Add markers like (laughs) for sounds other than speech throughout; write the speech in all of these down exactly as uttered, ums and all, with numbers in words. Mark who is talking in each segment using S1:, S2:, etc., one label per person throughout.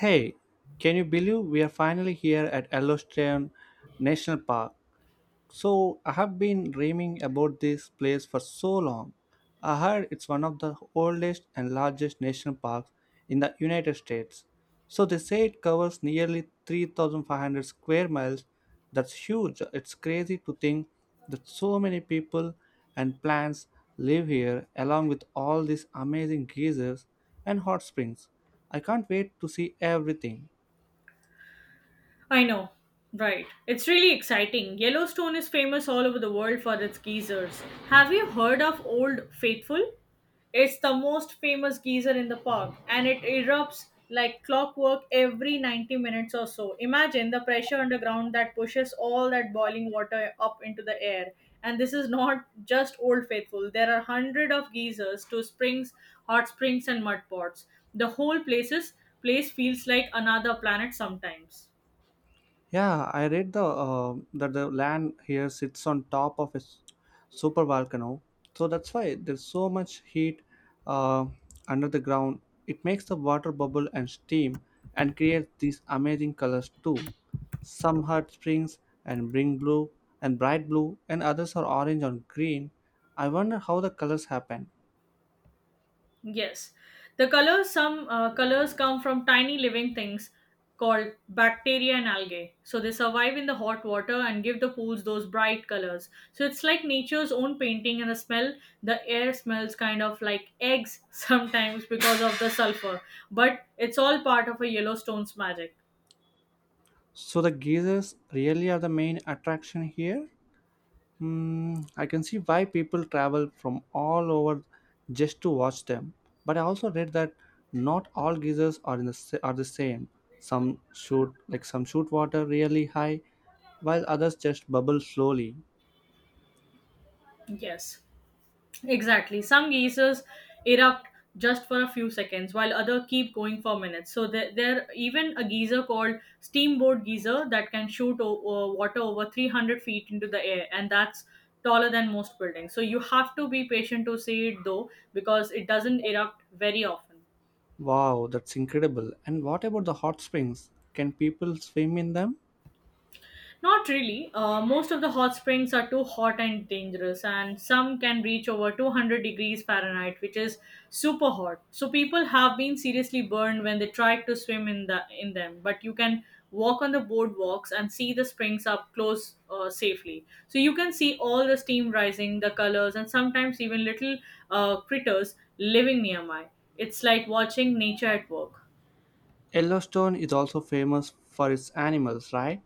S1: Hey, can you believe we are finally here at Yellowstone National Park? So I have been dreaming about this place for so long. I heard it's one of the oldest and largest national parks in the United States. So they say it covers nearly three thousand five hundred square miles. That's huge. It's crazy to think that so many people and plants live here along with all these amazing geysers and hot springs. I can't wait to see everything.
S2: I know. Right. It's really exciting. Yellowstone is famous all over the world for its geysers. Have you heard of Old Faithful? It's the most famous geyser in the park and it erupts like clockwork every ninety minutes or so. Imagine the pressure underground that pushes all that boiling water up into the air. And this is not just Old Faithful. There are hundreds of geysers two springs, hot springs and mud pots. The whole places place feels like another planet sometimes.
S1: Yeah, I read the uh, that the land here sits on top of a s- super volcano, so that's why there's so much heat uh, under the ground. It makes the water bubble and steam, and creates these amazing colors too. Some hot springs and bring blue and bright blue, and others are orange or green. I wonder how the colors happen.
S2: Yes. The colors, some uh, colors come from tiny living things called bacteria and algae. So they survive in the hot water and give the pools those bright colors. So it's like nature's own painting and the smell. The air smells kind of like eggs (laughs) sometimes because of the sulfur, but it's all part of a Yellowstone's magic.
S1: So the geysers really are the main attraction here. Hmm, I can see why people travel from all over just to watch them. But I also read that not all geysers are in the sa- are the same. Some shoot like some shoot water really high, while others just bubble slowly.
S2: Yes. Exactly. Some geysers erupt just for a few seconds, while other keep going for minutes. So there, there even a geyser called steamboat geyser that can shoot o- o- water over three hundred feet into the air, and that's taller than most buildings. So you have to be patient to see it though, because it doesn't erupt very often.
S1: Wow, that's incredible. And what about the hot springs? Can people swim in them?
S2: Not really. Uh, most of the hot springs are too hot and dangerous, and some can reach over two hundred degrees Fahrenheit, which is super hot. So people have been seriously burned when they tried to swim in the in them. But you can walk on the boardwalks and see the springs up close uh, safely. So you can see all the steam rising, the colors, and sometimes even little uh, critters living nearby. It's like watching nature at work.
S1: Yellowstone is also famous for its animals, right?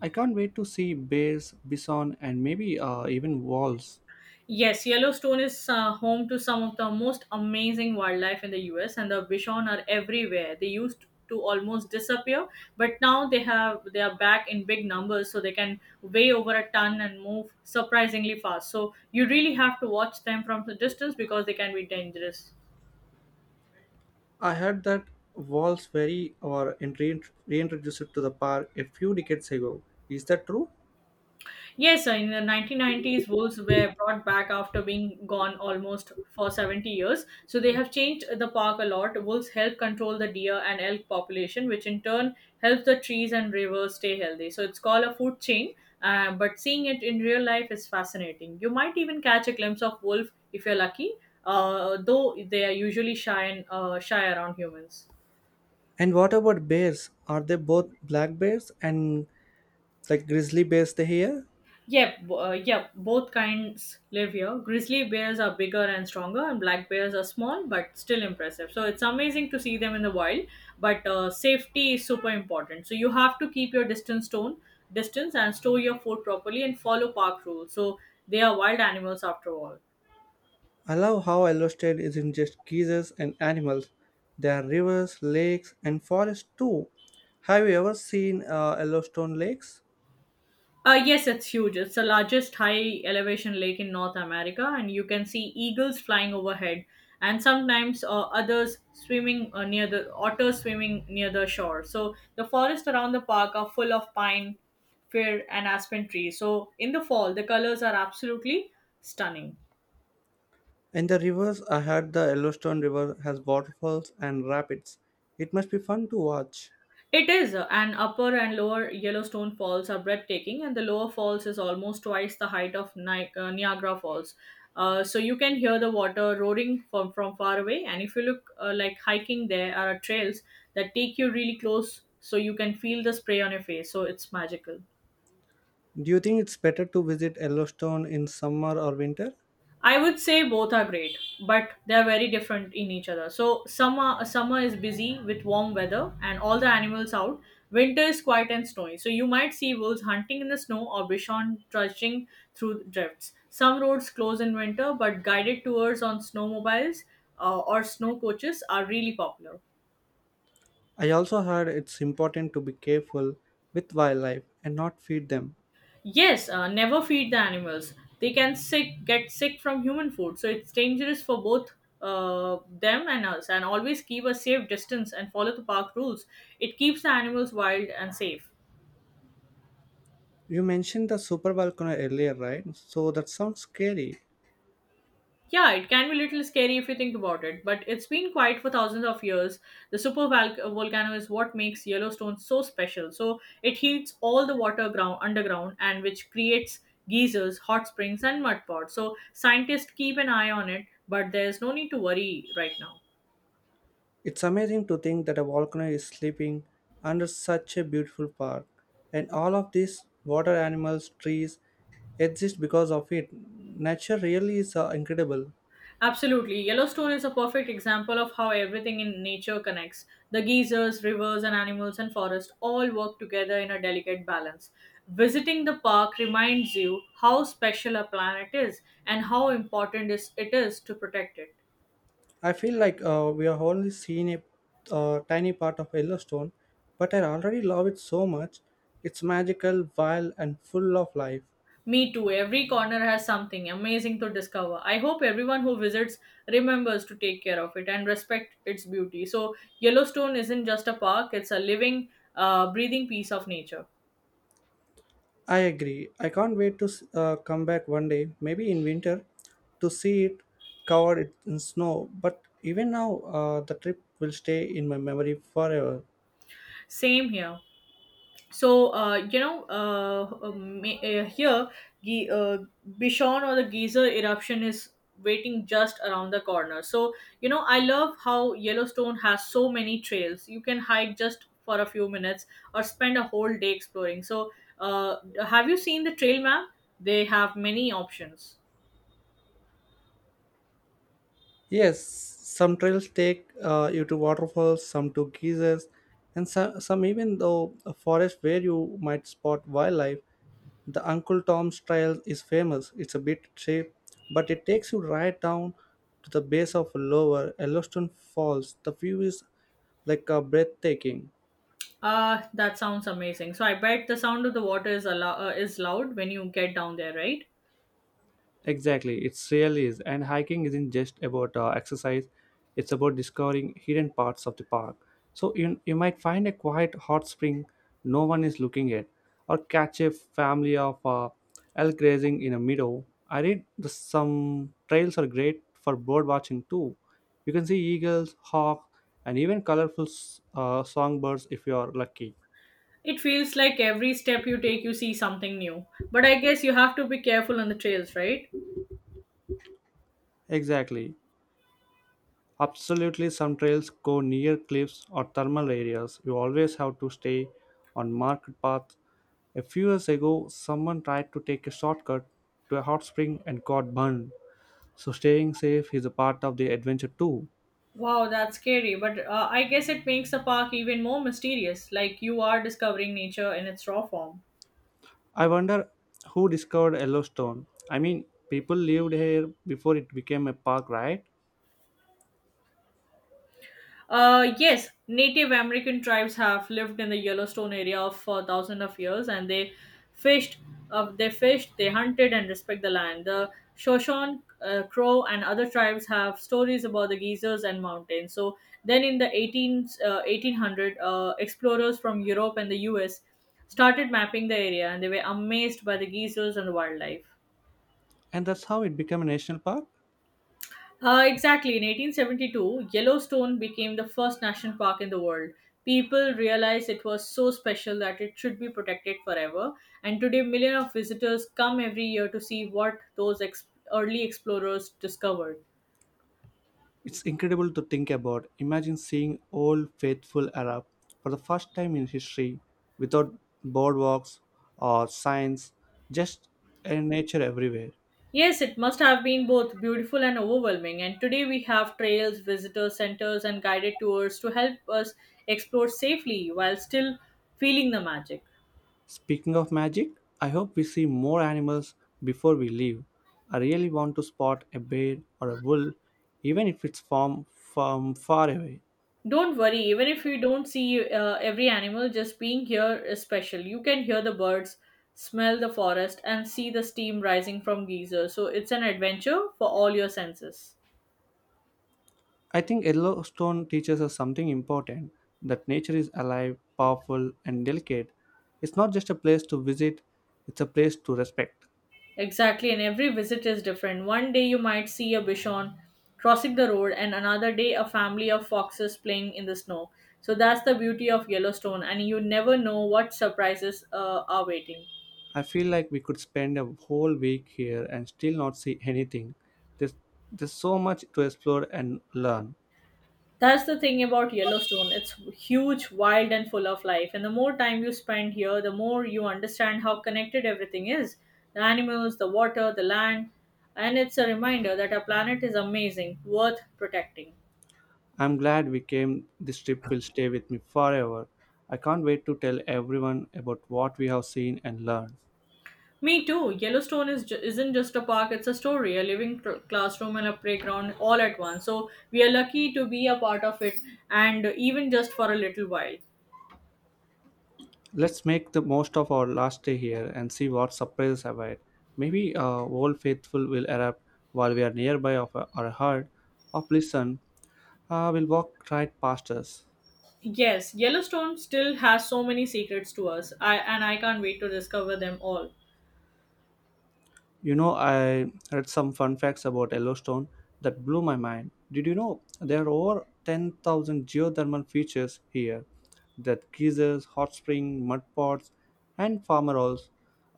S1: I can't wait to see bears, bison, and maybe uh, even wolves.
S2: Yes, Yellowstone is uh, home to some of the most amazing wildlife in the U S, and the bison are everywhere. They used to almost disappear, but now they have they are back in big numbers, so they can weigh over a ton and move surprisingly fast. So you really have to watch them from the distance because they can be dangerous.
S1: I heard that walls very or and rein- reintroduced to the park a few decades ago. Is that true?
S2: Yes, uh, in the nineteen nineties, wolves were brought back after being gone almost for seventy years. So they have changed the park a lot. Wolves help control the deer and elk population, which in turn helps the trees and rivers stay healthy. So it's called a food chain, uh, but seeing it in real life is fascinating. You might even catch a glimpse of wolf if you're lucky, uh, though they are usually shy and uh, shy around humans.
S1: And what about bears? Are they both black bears and like grizzly bears they here?
S2: Yep, uh, yep. Both kinds live here. Grizzly bears are bigger and stronger, and black bears are small but still impressive. So it's amazing to see them in the wild, but uh, safety is super important. So you have to keep your distance stone distance and store your food properly and follow park rules. So they are wild animals after all.
S1: I love how Yellowstone isn't just geysers and animals. There are rivers, lakes, and forests too. Have you ever seen uh, Yellowstone lakes?
S2: Uh, yes, it's huge. It's the largest high elevation lake in North America, and you can see eagles flying overhead, and sometimes uh, others swimming uh, near the otters swimming near the shore. So the forests around the park are full of pine, fir, and aspen trees. So in the fall, the colors are absolutely stunning.
S1: In the rivers, I heard the Yellowstone River has waterfalls and rapids. It must be fun to watch.
S2: It is, uh, and upper and lower Yellowstone Falls are breathtaking, and the lower falls is almost twice the height of Ni- uh, Niagara Falls. Uh, so you can hear the water roaring from, from far away, and if you look uh, like hiking, there are trails that take you really close, so you can feel the spray on your face. So it's magical.
S1: Do you think it's better to visit Yellowstone in summer or winter?
S2: I would say both are great, but they are very different in each other. So summer summer is busy with warm weather and all the animals out. Winter is quiet and snowy. So you might see wolves hunting in the snow or bison trudging through drifts. Some roads close in winter, but guided tours on snowmobiles uh, or snow coaches are really popular.
S1: I also heard it's important to be careful with wildlife and not feed them.
S2: Yes, uh, never feed the animals. They can sick get sick from human food, so it's dangerous for both uh, them and us. And always keep a safe distance and follow the park rules. It keeps the animals wild and safe.
S1: You mentioned the super volcano earlier, right? So that sounds scary.
S2: Yeah, it can be a little scary if you think about it, but it's been quiet for thousands of years. The super val- volcano is what makes Yellowstone so special. So it heats all the water ground underground, and which creates geysers, hot springs, and mud pots. So scientists keep an eye on it, but there's no need to worry right now.
S1: It's amazing to think that a volcano is sleeping under such a beautiful park. And all of these water animals, trees exist because of it. Nature really is uh, incredible.
S2: Absolutely. Yellowstone is a perfect example of how everything in nature connects. The geysers, rivers, and animals and forest all work together in a delicate balance. Visiting the park reminds you how special a planet is and how important is- it is to protect it.
S1: I feel like uh, we have only seen a uh, tiny part of Yellowstone, but I already love it so much. It's magical, wild, and full of life.
S2: Me too. Every corner has something amazing to discover. I hope everyone who visits remembers to take care of it and respect its beauty. So, Yellowstone isn't just a park, it's a living, uh, breathing piece of nature.
S1: I agree. I can't wait to uh, come back one day, maybe in winter, to see it covered in snow. But even now, uh, the trip will stay in my memory forever.
S2: Same here. So uh, you know uh, uh, ma- uh, here the uh, bishon or the geyser eruption is waiting just around the corner. So, you know I love how Yellowstone has so many trails. You can hike just for a few minutes or spend a whole day exploring. So uh, have you seen the trail map? They have many options.
S1: Yes, some trails take uh, you to waterfalls, some to geysers, and some, some even though a forest where you might spot wildlife. The Uncle Tom's Trail is famous. It's a bit steep, but it takes you right down to the base of Lower Yellowstone Falls. The view is like a breathtaking.
S2: Uh, that sounds amazing. So I bet the sound of the water is, allo- uh, is loud when you get down there, right?
S1: Exactly, it really is. And hiking isn't just about uh, exercise, it's about discovering hidden parts of the park. So you, you might find a quiet hot spring no one is looking at, or catch a family of uh, elk grazing in a meadow. I read the, some trails are great for bird watching too. You can see eagles, hawks, and even colorful s- uh, songbirds if you are lucky.
S2: It feels like every step you take, you see something new. But I guess you have to be careful on the trails, right?
S1: Exactly. Absolutely, some trails go near cliffs or thermal areas. You always have to stay on marked paths. A few years ago, someone tried to take a shortcut to a hot spring and got burned. So, staying safe is a part of the adventure too.
S2: Wow, that's scary. But uh, I guess it makes the park even more mysterious, like you are discovering nature in its raw form.
S1: I wonder who discovered Yellowstone. I mean, people lived here before it became a park, right?
S2: Uh, yes, Native American tribes have lived in the Yellowstone area for thousands of years, and they fished, uh, they fished, they hunted, and respect the land. The Shoshone, uh, Crow, and other tribes have stories about the geysers and mountains. So then, in the eighteen, uh, eighteen hundred, uh, explorers from Europe and the U S started mapping the area, and they were amazed by the geysers and the wildlife.
S1: And that's how it became a national park.
S2: Uh, exactly. In eighteen seventy-two, Yellowstone became the first national park in the world. People realized it was so special that it should be protected forever. And today, millions of visitors come every year to see what those ex- early explorers discovered.
S1: It's incredible to think about. Imagine seeing Old Faithful Arab for the first time in history without boardwalks or signs, just in nature everywhere.
S2: Yes, it must have been both beautiful and overwhelming. And today, we have trails, visitor centers, and guided tours to help us explore safely while still feeling the magic.
S1: Speaking of magic, I hope we see more animals before we leave. I really want to spot a bear or a wolf, even if it's from, from far away.
S2: Don't worry, even if you don't see uh, every animal, just being here is special. You can hear the birds, smell the forest, and see the steam rising from geysers. So it's an adventure for all your senses.
S1: I think Yellowstone teaches us something important that nature is alive, powerful, and delicate. It's not just a place to visit, it's a place to respect.
S2: Exactly, and every visit is different. One day you might see a bison crossing the road, and another day a family of foxes playing in the snow. So that's the beauty of Yellowstone, and you never know what surprises uh, are waiting.
S1: I feel like we could spend a whole week here and still not see anything. There's, there's so much to explore and learn.
S2: That's the thing about Yellowstone. It's huge, wild, and full of life. And the more time you spend here, the more you understand how connected everything is the animals, the water, the land. And it's a reminder that our planet is amazing, worth protecting.
S1: I'm glad we came. This trip will stay with me forever. I can't wait to tell everyone about what we have seen and learned.
S2: Me too. Yellowstone is ju- isn't just a park, it's a story, a living cl- classroom and a playground all at once. So we are lucky to be a part of it and even just for a little while.
S1: Let's make the most of our last day here and see what surprises await. Maybe uh, Old Faithful will erupt while we are nearby of uh, our heart of listen uh, will walk right past us.
S2: Yes, Yellowstone still has so many secrets to us, I, and I can't wait to discover them all.
S1: You know, I read some fun facts about Yellowstone that blew my mind. Did you know there are over ten thousand geothermal features here? That geysers, hot spring, mud pots, and farmer halls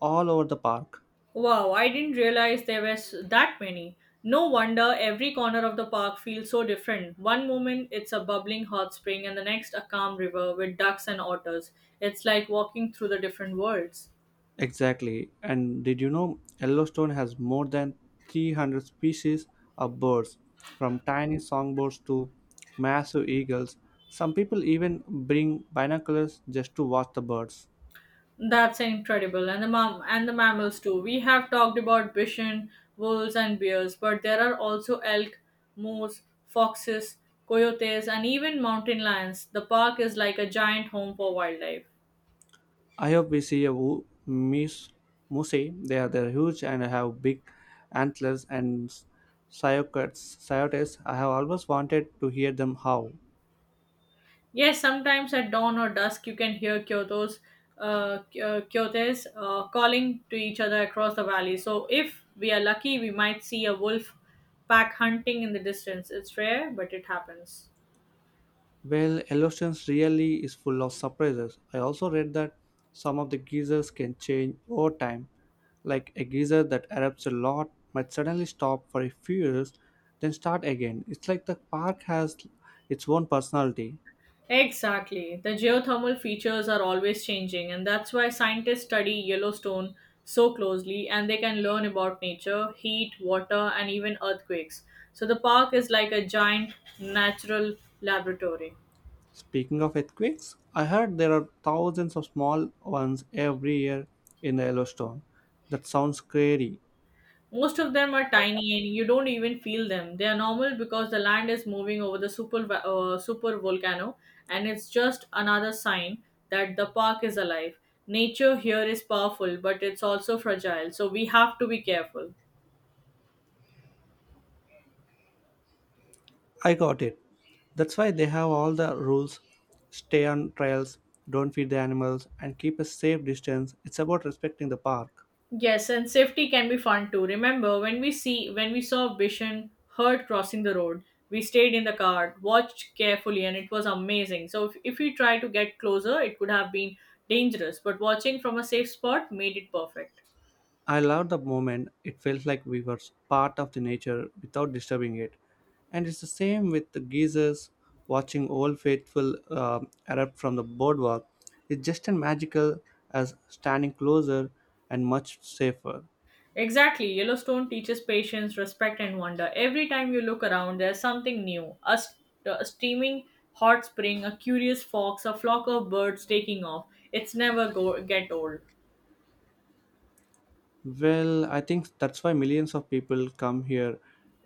S1: all over the park.
S2: Wow, I didn't realize there were s- that many. No wonder every corner of the park feels so different. One moment it's a bubbling hot spring, and the next a calm river with ducks and otters. It's like walking through the different worlds.
S1: Exactly. And did you know Yellowstone has more than three hundred species of birds, from tiny songbirds to massive eagles? Some people even bring binoculars just to watch the birds.
S2: That's incredible. And the mam- and the mammals too. We have talked about bison, wolves and bears, but there are also elk, moose, foxes, coyotes and even mountain lions. The park is like a giant home for wildlife.
S1: I hope we see a wo- moose. Moose. They are they're huge and have big antlers and s- cycads. Coyotes. I have always wanted to hear them howl.
S2: Yes, sometimes at dawn or dusk you can hear Kyoto's uh, Ky- uh, coyotes uh, calling to each other across the valley. So if we are lucky, we might see a wolf pack hunting in the distance. It's rare, but it happens.
S1: Well, Yellowstone really is full of surprises. I also read that some of the geysers can change over time, like a geyser that erupts a lot might suddenly stop for a few years, then start again. It's like the park has its own personality.
S2: Exactly. The geothermal features are always changing, and that's why scientists study Yellowstone so closely and they can learn about nature, heat, water, and even earthquakes. So the park is like a giant natural laboratory.
S1: Speaking of earthquakes, I heard there are thousands of small ones every year in the Yellowstone. That sounds scary.
S2: Most of them are tiny and you don't even feel them. They are normal because the land is moving over the super, va- uh, super volcano, and it's just another sign that the park is alive. Nature here is powerful, but it's also fragile, so we have to be careful.
S1: I got it. That's why they have all the rules stay on trails, don't feed the animals, and keep a safe distance. It's about respecting the park.
S2: Yes, and safety can be fun too. Remember when we see when we saw Bishan hurt crossing the road. We stayed in the car, watched carefully, and it was amazing. So if, if we try to get closer, it could have been dangerous, but watching from a safe spot made it perfect.
S1: I loved the moment. It felt like we were part of the nature without disturbing it. And it's the same with the geysers watching Old Faithful um erupt from the boardwalk. It's just as magical as standing closer and much safer.
S2: Exactly, Yellowstone teaches patience, respect, and wonder. Every time you look around, there's something new. A, st- a steaming hot spring, a curious fox, a flock of birds taking off. It's never go- get old.
S1: Well, I think that's why millions of people come here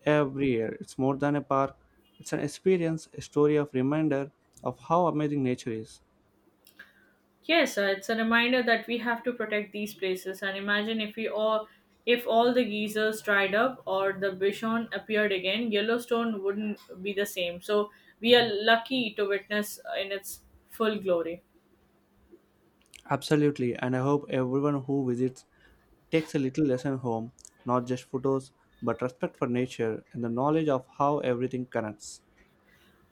S1: every year. It's more than a park, it's an experience, a story of reminder of how amazing nature is.
S2: Yes, uh, it's a reminder that we have to protect these places. And imagine if we all, if all the geysers dried up or the Bichon appeared again, Yellowstone wouldn't be the same. So we are lucky to witness uh, in its full glory.
S1: Absolutely, and I hope everyone who visits takes a little lesson home, not just photos, but respect for nature and the knowledge of how everything connects.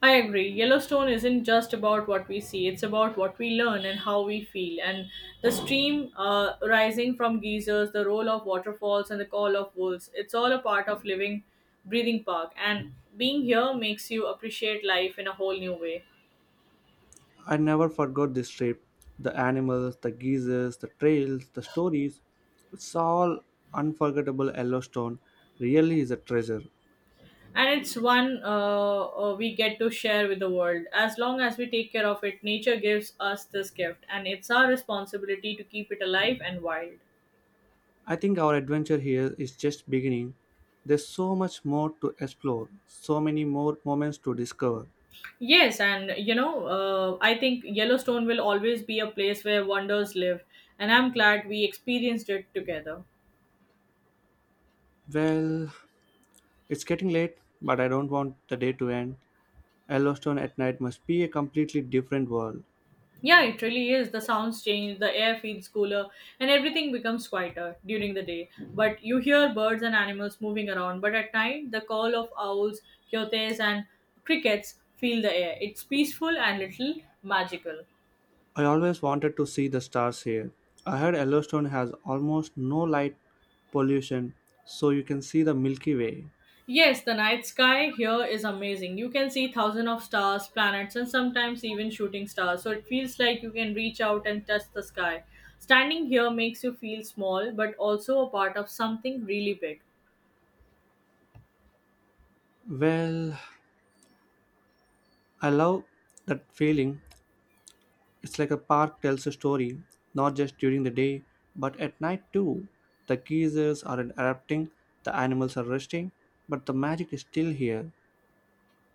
S2: I agree. Yellowstone isn't just about what we see, it's about what we learn and how we feel. And the stream uh, rising from geysers, the roll of waterfalls, and the call of wolves, it's all a part of living, breathing park. And being here makes you appreciate life in a whole new way.
S1: I never forgot this trip the animals, the geysers, the trails, the stories. It's all unforgettable. Yellowstone really is a treasure.
S2: And it's one uh, uh, we get to share with the world. As long as we take care of it, nature gives us this gift, and it's our responsibility to keep it alive and wild.
S1: I think our adventure here is just beginning. There's so much more to explore, so many more moments to discover.
S2: Yes, and you know, uh, I think Yellowstone will always be a place where wonders live, and I'm glad we experienced it together.
S1: Well, it's getting late, but I don't want the day to end. Yellowstone at night must be a completely different world.
S2: Yeah, it really is. The sounds change, the air feels cooler, and everything becomes quieter during the day. But you hear birds and animals moving around, but at night, the call of owls, coyotes, and crickets fill the air. It's peaceful and little magical.
S1: I always wanted to see the stars here. I heard Yellowstone has almost no light pollution, so you can see the Milky Way.
S2: Yes, the night sky here is amazing. You can see thousands of stars, planets, and sometimes even shooting stars. So it feels like you can reach out and touch the sky. Standing here makes you feel small, but also a part of something really big.
S1: Well, I love that feeling. It's like a park tells a story, not just during the day, but at night too. The geysers are erupting, the animals are resting, but the magic is still here.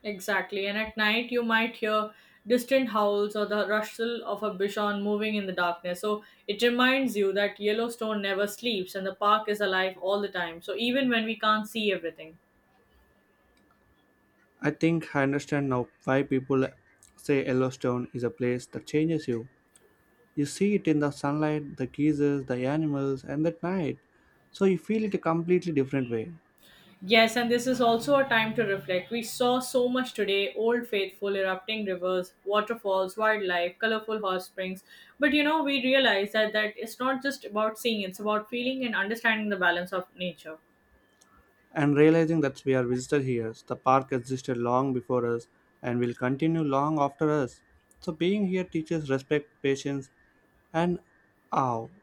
S2: Exactly. And at night, you might hear distant howls or the rustle of a bison moving in the darkness. So it reminds you that Yellowstone never sleeps and the park is alive all the time. So even when we can't see everything.
S1: I think I understand now why people say Yellowstone is a place that changes you. You see it in the sunlight, the geysers, the animals, and the night, so you feel it a completely different way.
S2: Yes, and this is also a time to reflect. We saw so much today: old faithful, erupting rivers, waterfalls, wildlife, colorful hot springs. But you know, we realize that, that it's not just about seeing, it's about feeling and understanding the balance of nature.
S1: And realizing that we are visitors here. The park existed long before us and will continue long after us. So being here teaches respect, patience, and awe. (laughs)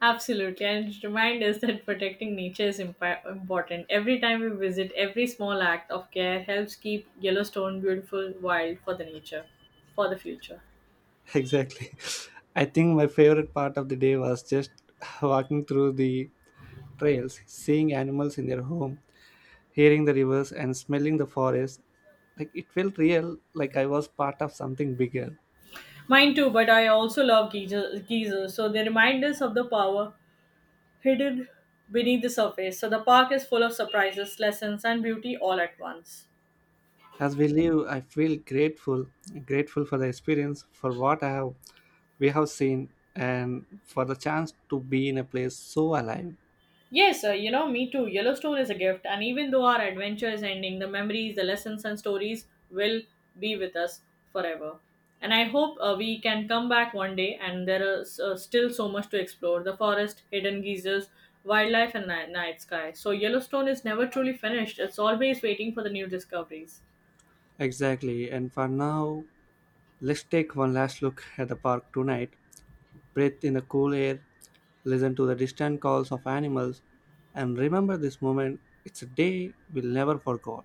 S2: Absolutely, and it reminds us that protecting nature is impa- important. Every time we visit, every small act of care helps keep Yellowstone beautiful, wild for the nature, for the future.
S1: Exactly. I think my favorite part of the day was just (laughs) walking through the trails, seeing animals in their home, hearing the rivers, and smelling the forest. Like it felt real, like I was part of something bigger.
S2: Mine too, but I also love geysers, geysers so they remind us of the power hidden beneath the surface. So the park is full of surprises, lessons, and beauty all at once.
S1: As we live, I feel grateful, grateful for the experience, for what I have we have seen and for the chance to be in a place so alive.
S2: Yes, uh, you know, me too. Yellowstone is a gift, and even though our adventure is ending, the memories, the lessons, and stories will be with us forever. And I hope uh, we can come back one day, and there is uh, still so much to explore: the forest, hidden geysers, wildlife, and ni- night sky. So, Yellowstone is never truly finished, it's always waiting for the new discoveries.
S1: Exactly. And for now, let's take one last look at the park tonight. Breathe in the cool air, listen to the distant calls of animals, and remember this moment. It's a day we'll never forget.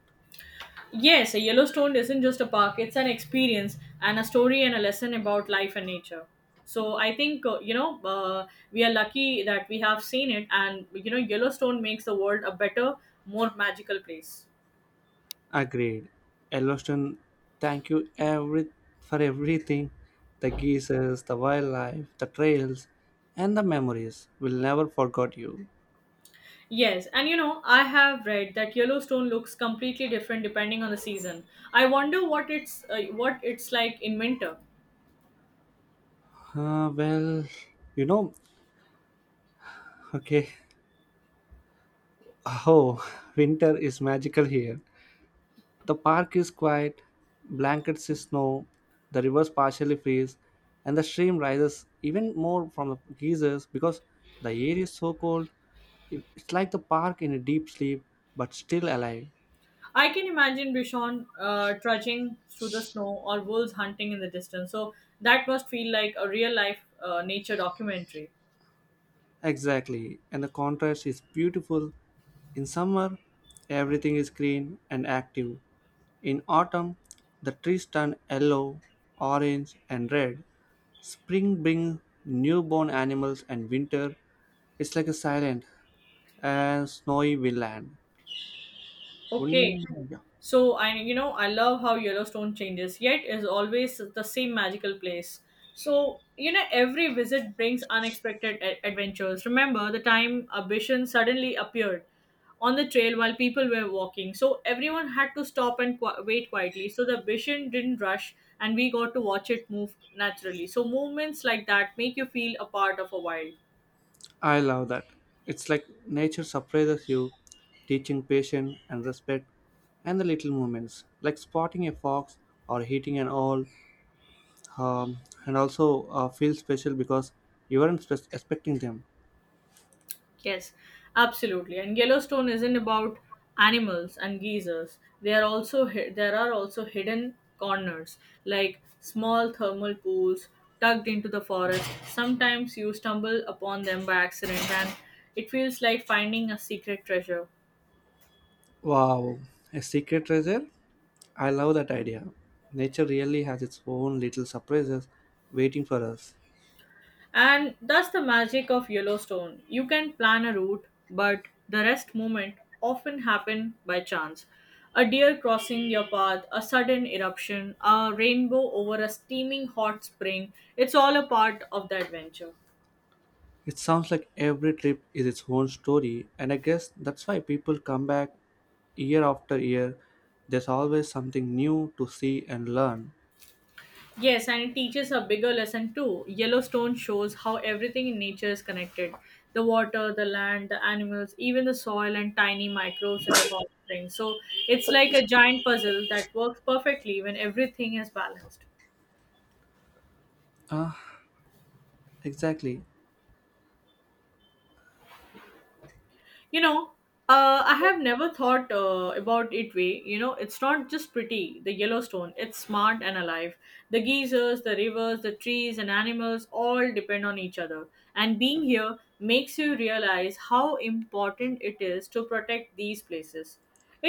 S2: Yes, a Yellowstone isn't just a park, it's an experience and a story and a lesson about life and nature. So I think, uh, you know, uh, we are lucky that we have seen it, and, you know, Yellowstone makes the world a better, more magical place.
S1: Agreed. Yellowstone, thank you every for everything. The geysers, the wildlife, the trails, and the memories. We'll never forget you.
S2: Yes, and you know, I have read that Yellowstone looks completely different depending on the season. I wonder what it's uh, what it's like in winter.
S1: Uh, well, you know, okay. Oh, winter is magical here. The park is quiet, blankets is snow, the rivers partially freeze, and the stream rises even more from the geysers because the air is so cold. It- It's like the park in a deep sleep but still alive.
S2: I can imagine Bishon uh, trudging through the snow or wolves hunting in the distance. So that must feel like a real life uh, nature documentary.
S1: Exactly, and the contrast is beautiful. In summer, everything is green and active. In autumn, the trees turn yellow, orange, and red. Spring brings newborn animals, and winter, it's like a silent and snowy wildland.
S2: Okay.
S1: Wouldn't, yeah.
S2: So, and you know, I love how Yellowstone changes, yet is always the same magical place. So, you know, every visit brings unexpected a- adventures. Remember the time a vision suddenly appeared on the trail while people were walking. So, everyone had to stop and qu- wait quietly. So, the vision didn't rush and we got to watch it move naturally. So, movements like that make you feel a part of a wild.
S1: I love that. It's like nature surprises you, teaching patience and respect, and the little moments, like spotting a fox or hitting an owl, um, and also uh, feel special because you weren't spe- expecting them.
S2: Yes, absolutely. And Yellowstone isn't about animals and geysers. They are also hi- there are also hidden corners like small thermal pools tucked into the forest. Sometimes you stumble upon them by accident, and it feels like finding a secret treasure.
S1: Wow, a secret treasure? I love that idea. Nature really has its own little surprises waiting for us.
S2: And that's the magic of Yellowstone. You can plan a route, but the rest movement often happen by chance. A deer crossing your path, a sudden eruption, a rainbow over a steaming hot spring. It's all a part of the adventure.
S1: It sounds like every trip is its own story, and I guess that's why people come back year after year. There's always something new to see and learn.
S2: Yes, and it teaches a bigger lesson too. Yellowstone shows how everything in nature is connected the water, the land, the animals, even the soil, and tiny microbes in the hot springs. So it's like a giant puzzle that works perfectly when everything is balanced.
S1: Ah, exactly.
S2: You know uh, I have never thought uh, about it way. You know it's not just pretty the Yellowstone, it's smart and alive. The geysers, the rivers, the trees and animals all depend on each other, and being here makes you realize how important it is to protect these places.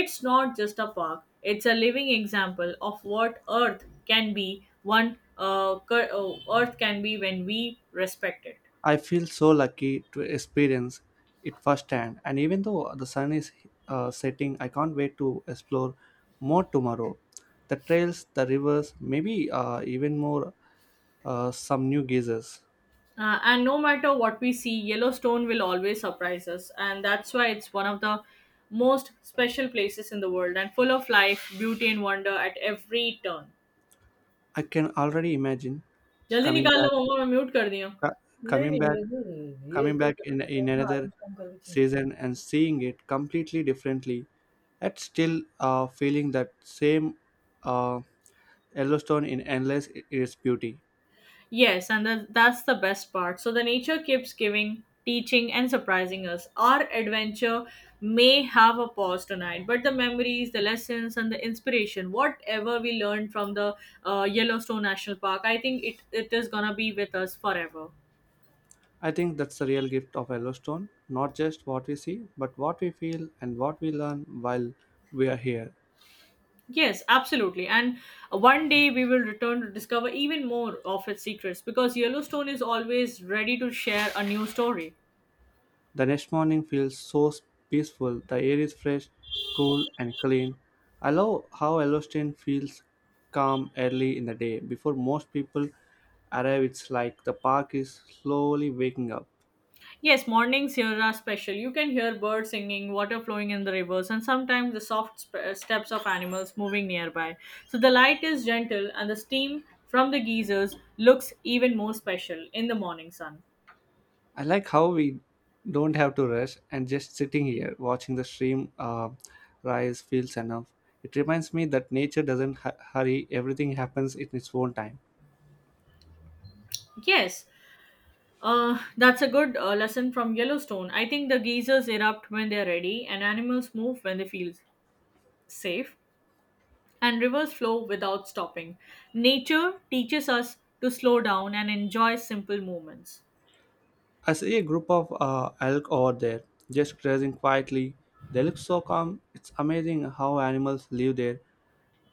S2: It's not just a park, it's a living example of what earth can be one uh, cur- uh, earth can be when we respect it.
S1: I feel so lucky to experience it firsthand, and even though the sun is uh, setting, I can't wait to explore more tomorrow. The trails, the rivers, maybe uh, even more uh, some new geysers.
S2: Uh, and no matter what we see, Yellowstone will always surprise us. And that's why it's one of the most special places in the world and full of life, beauty, and wonder at every turn.
S1: I can already imagine
S2: जल्दी
S1: coming
S2: निकाल लो
S1: back,
S2: मम्मा मैं mute कर दिया
S1: co-
S2: हूँ। नहीं
S1: coming
S2: नहीं
S1: back,
S2: मैं भी- ये
S1: coming
S2: कर-
S1: back in
S2: कर-
S1: in
S2: हाँ, आराम
S1: another
S2: से काम कर रही चिंता.
S1: season and seeing it completely differently. Yet still uh, feeling that same uh, Yellowstone in endless i- its beauty.
S2: Yes, and that, that's the best part. So the nature keeps giving, teaching, and surprising us. Our adventure may have a pause tonight, but the memories, the lessons, and the inspiration, whatever we learned from the uh, Yellowstone National Park, I think it, it is gonna be with us forever.
S1: I think that's the real gift of Yellowstone, not just what we see, but what we feel and what we learn while we are here.
S2: Yes, absolutely. And one day we will return to discover even more of its secrets because Yellowstone is always ready to share a new story.
S1: The next morning feels so peaceful, the air is fresh, cool, and clean. I love how Yellowstone feels calm early in the day before most people arrive. It's like the park is slowly waking up.
S2: Yes, mornings here are special. You can hear birds singing, water flowing in the rivers, and sometimes the soft sp- uh, steps of animals moving nearby. So the light is gentle, and the steam from the geysers looks even more special in the morning sun.
S1: I like how we don't have to rush and just sitting here watching the stream uh, rise feels enough. It reminds me that nature doesn't hu- hurry, everything happens in its own time.
S2: Yes, uh, that's a good uh, lesson from Yellowstone. I think the geysers erupt when they're ready, and animals move when they feel safe, and rivers flow without stopping. Nature teaches us to slow down and enjoy simple moments.
S1: I see a group of uh, elk over there just grazing quietly. They look so calm. It's amazing how animals live their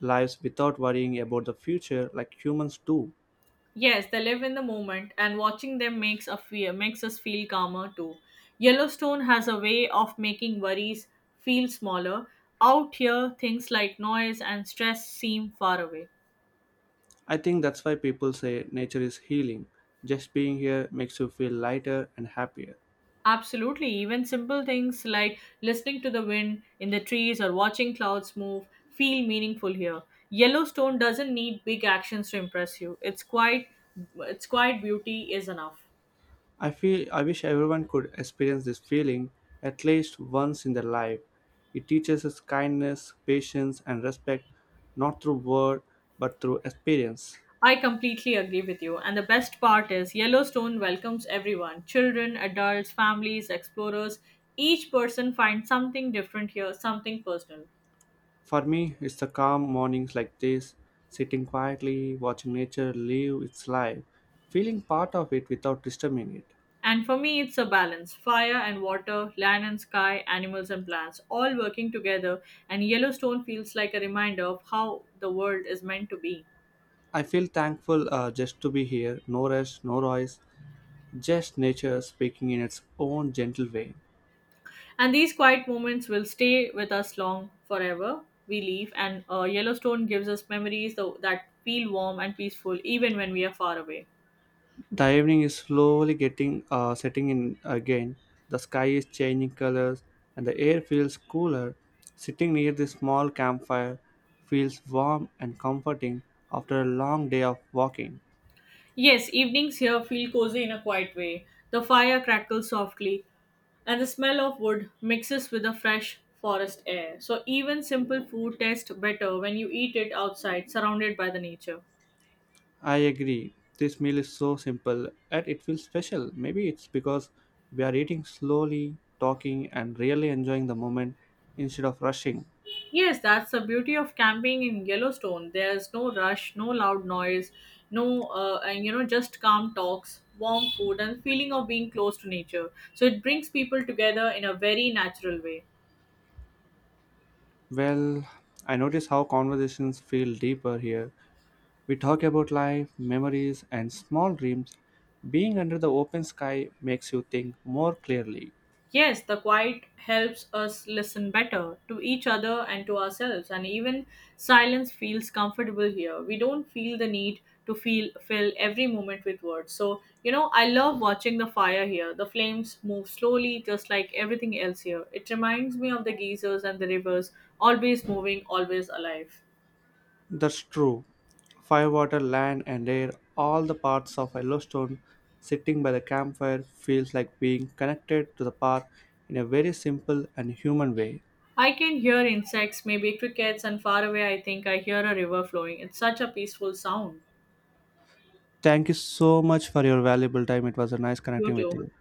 S1: lives without worrying about the future like humans do.
S2: Yes, they live in the moment, and watching them makes a fear makes us feel calmer too. Yellowstone has a way of making worries feel smaller. Out here, things like noise and stress seem far away.
S1: I think that's why people say nature is healing. Just being here makes you feel lighter and happier.
S2: Absolutely, even simple things like listening to the wind in the trees or watching clouds move feel meaningful here. Yellowstone doesn't need big actions to impress you. It's quite, it's quite beauty is enough.
S1: I feel I wish everyone could experience this feeling at least once in their life. It teaches us kindness, patience, and respect not through word but through experience.
S2: I completely agree with you. And the best part is Yellowstone welcomes everyone: children, adults, families, explorers. Each person finds something different here, something personal.
S1: For me, it's the calm mornings like this, sitting quietly, watching nature live its life, feeling part of it without disturbing it.
S2: And for me, it's a balance: fire and water, land and sky, animals and plants, all working together. And Yellowstone feels like a reminder of how the world is meant to be.
S1: I feel thankful uh, just to be here, no rush, no noise, just nature speaking in its own gentle way.
S2: And these quiet moments will stay with us long forever. We leave, and uh, Yellowstone gives us memories tho- that feel warm and peaceful even when we are far away.
S1: The evening is slowly getting uh, setting in again. The sky is changing colors, and the air feels cooler. Sitting near the small campfire feels warm and comforting after a long day of walking.
S2: Yes, evenings here feel cozy in a quiet way. The fire crackles softly, and the smell of wood mixes with the fresh forest air. So, even simple food tastes better when you eat it outside, surrounded by the nature.
S1: I agree. This meal is so simple, yet it feels special. Maybe it's because we are eating slowly, talking, and really enjoying the moment instead of rushing.
S2: Yes, that's the beauty of camping in Yellowstone. There's no rush, no loud noise, no, uh, and you know, just calm talks, warm food, and feeling of being close to nature. So, it brings people together in a very natural way.
S1: Well, I notice how conversations feel deeper here. We talk about life, memories, and small dreams. Being under the open sky makes you think more clearly.
S2: Yes, the quiet helps us listen better to each other and to ourselves, and even silence feels comfortable here. We don't feel the need to feel fill every moment with words. So, you know, I love watching the fire here. The flames move slowly, just like everything else here. It reminds me of the geysers and the rivers, always moving, always alive.
S1: That's true. Fire, water, land, and air, all the parts of Yellowstone, sitting by the campfire feels like being connected to the park in a very simple and human way.
S2: I can hear insects, maybe crickets, and far away, I think I hear a river flowing. It's such a peaceful sound.
S1: Thank you so much for your valuable time. It was a nice
S2: You
S1: connecting with
S2: too.
S1: you.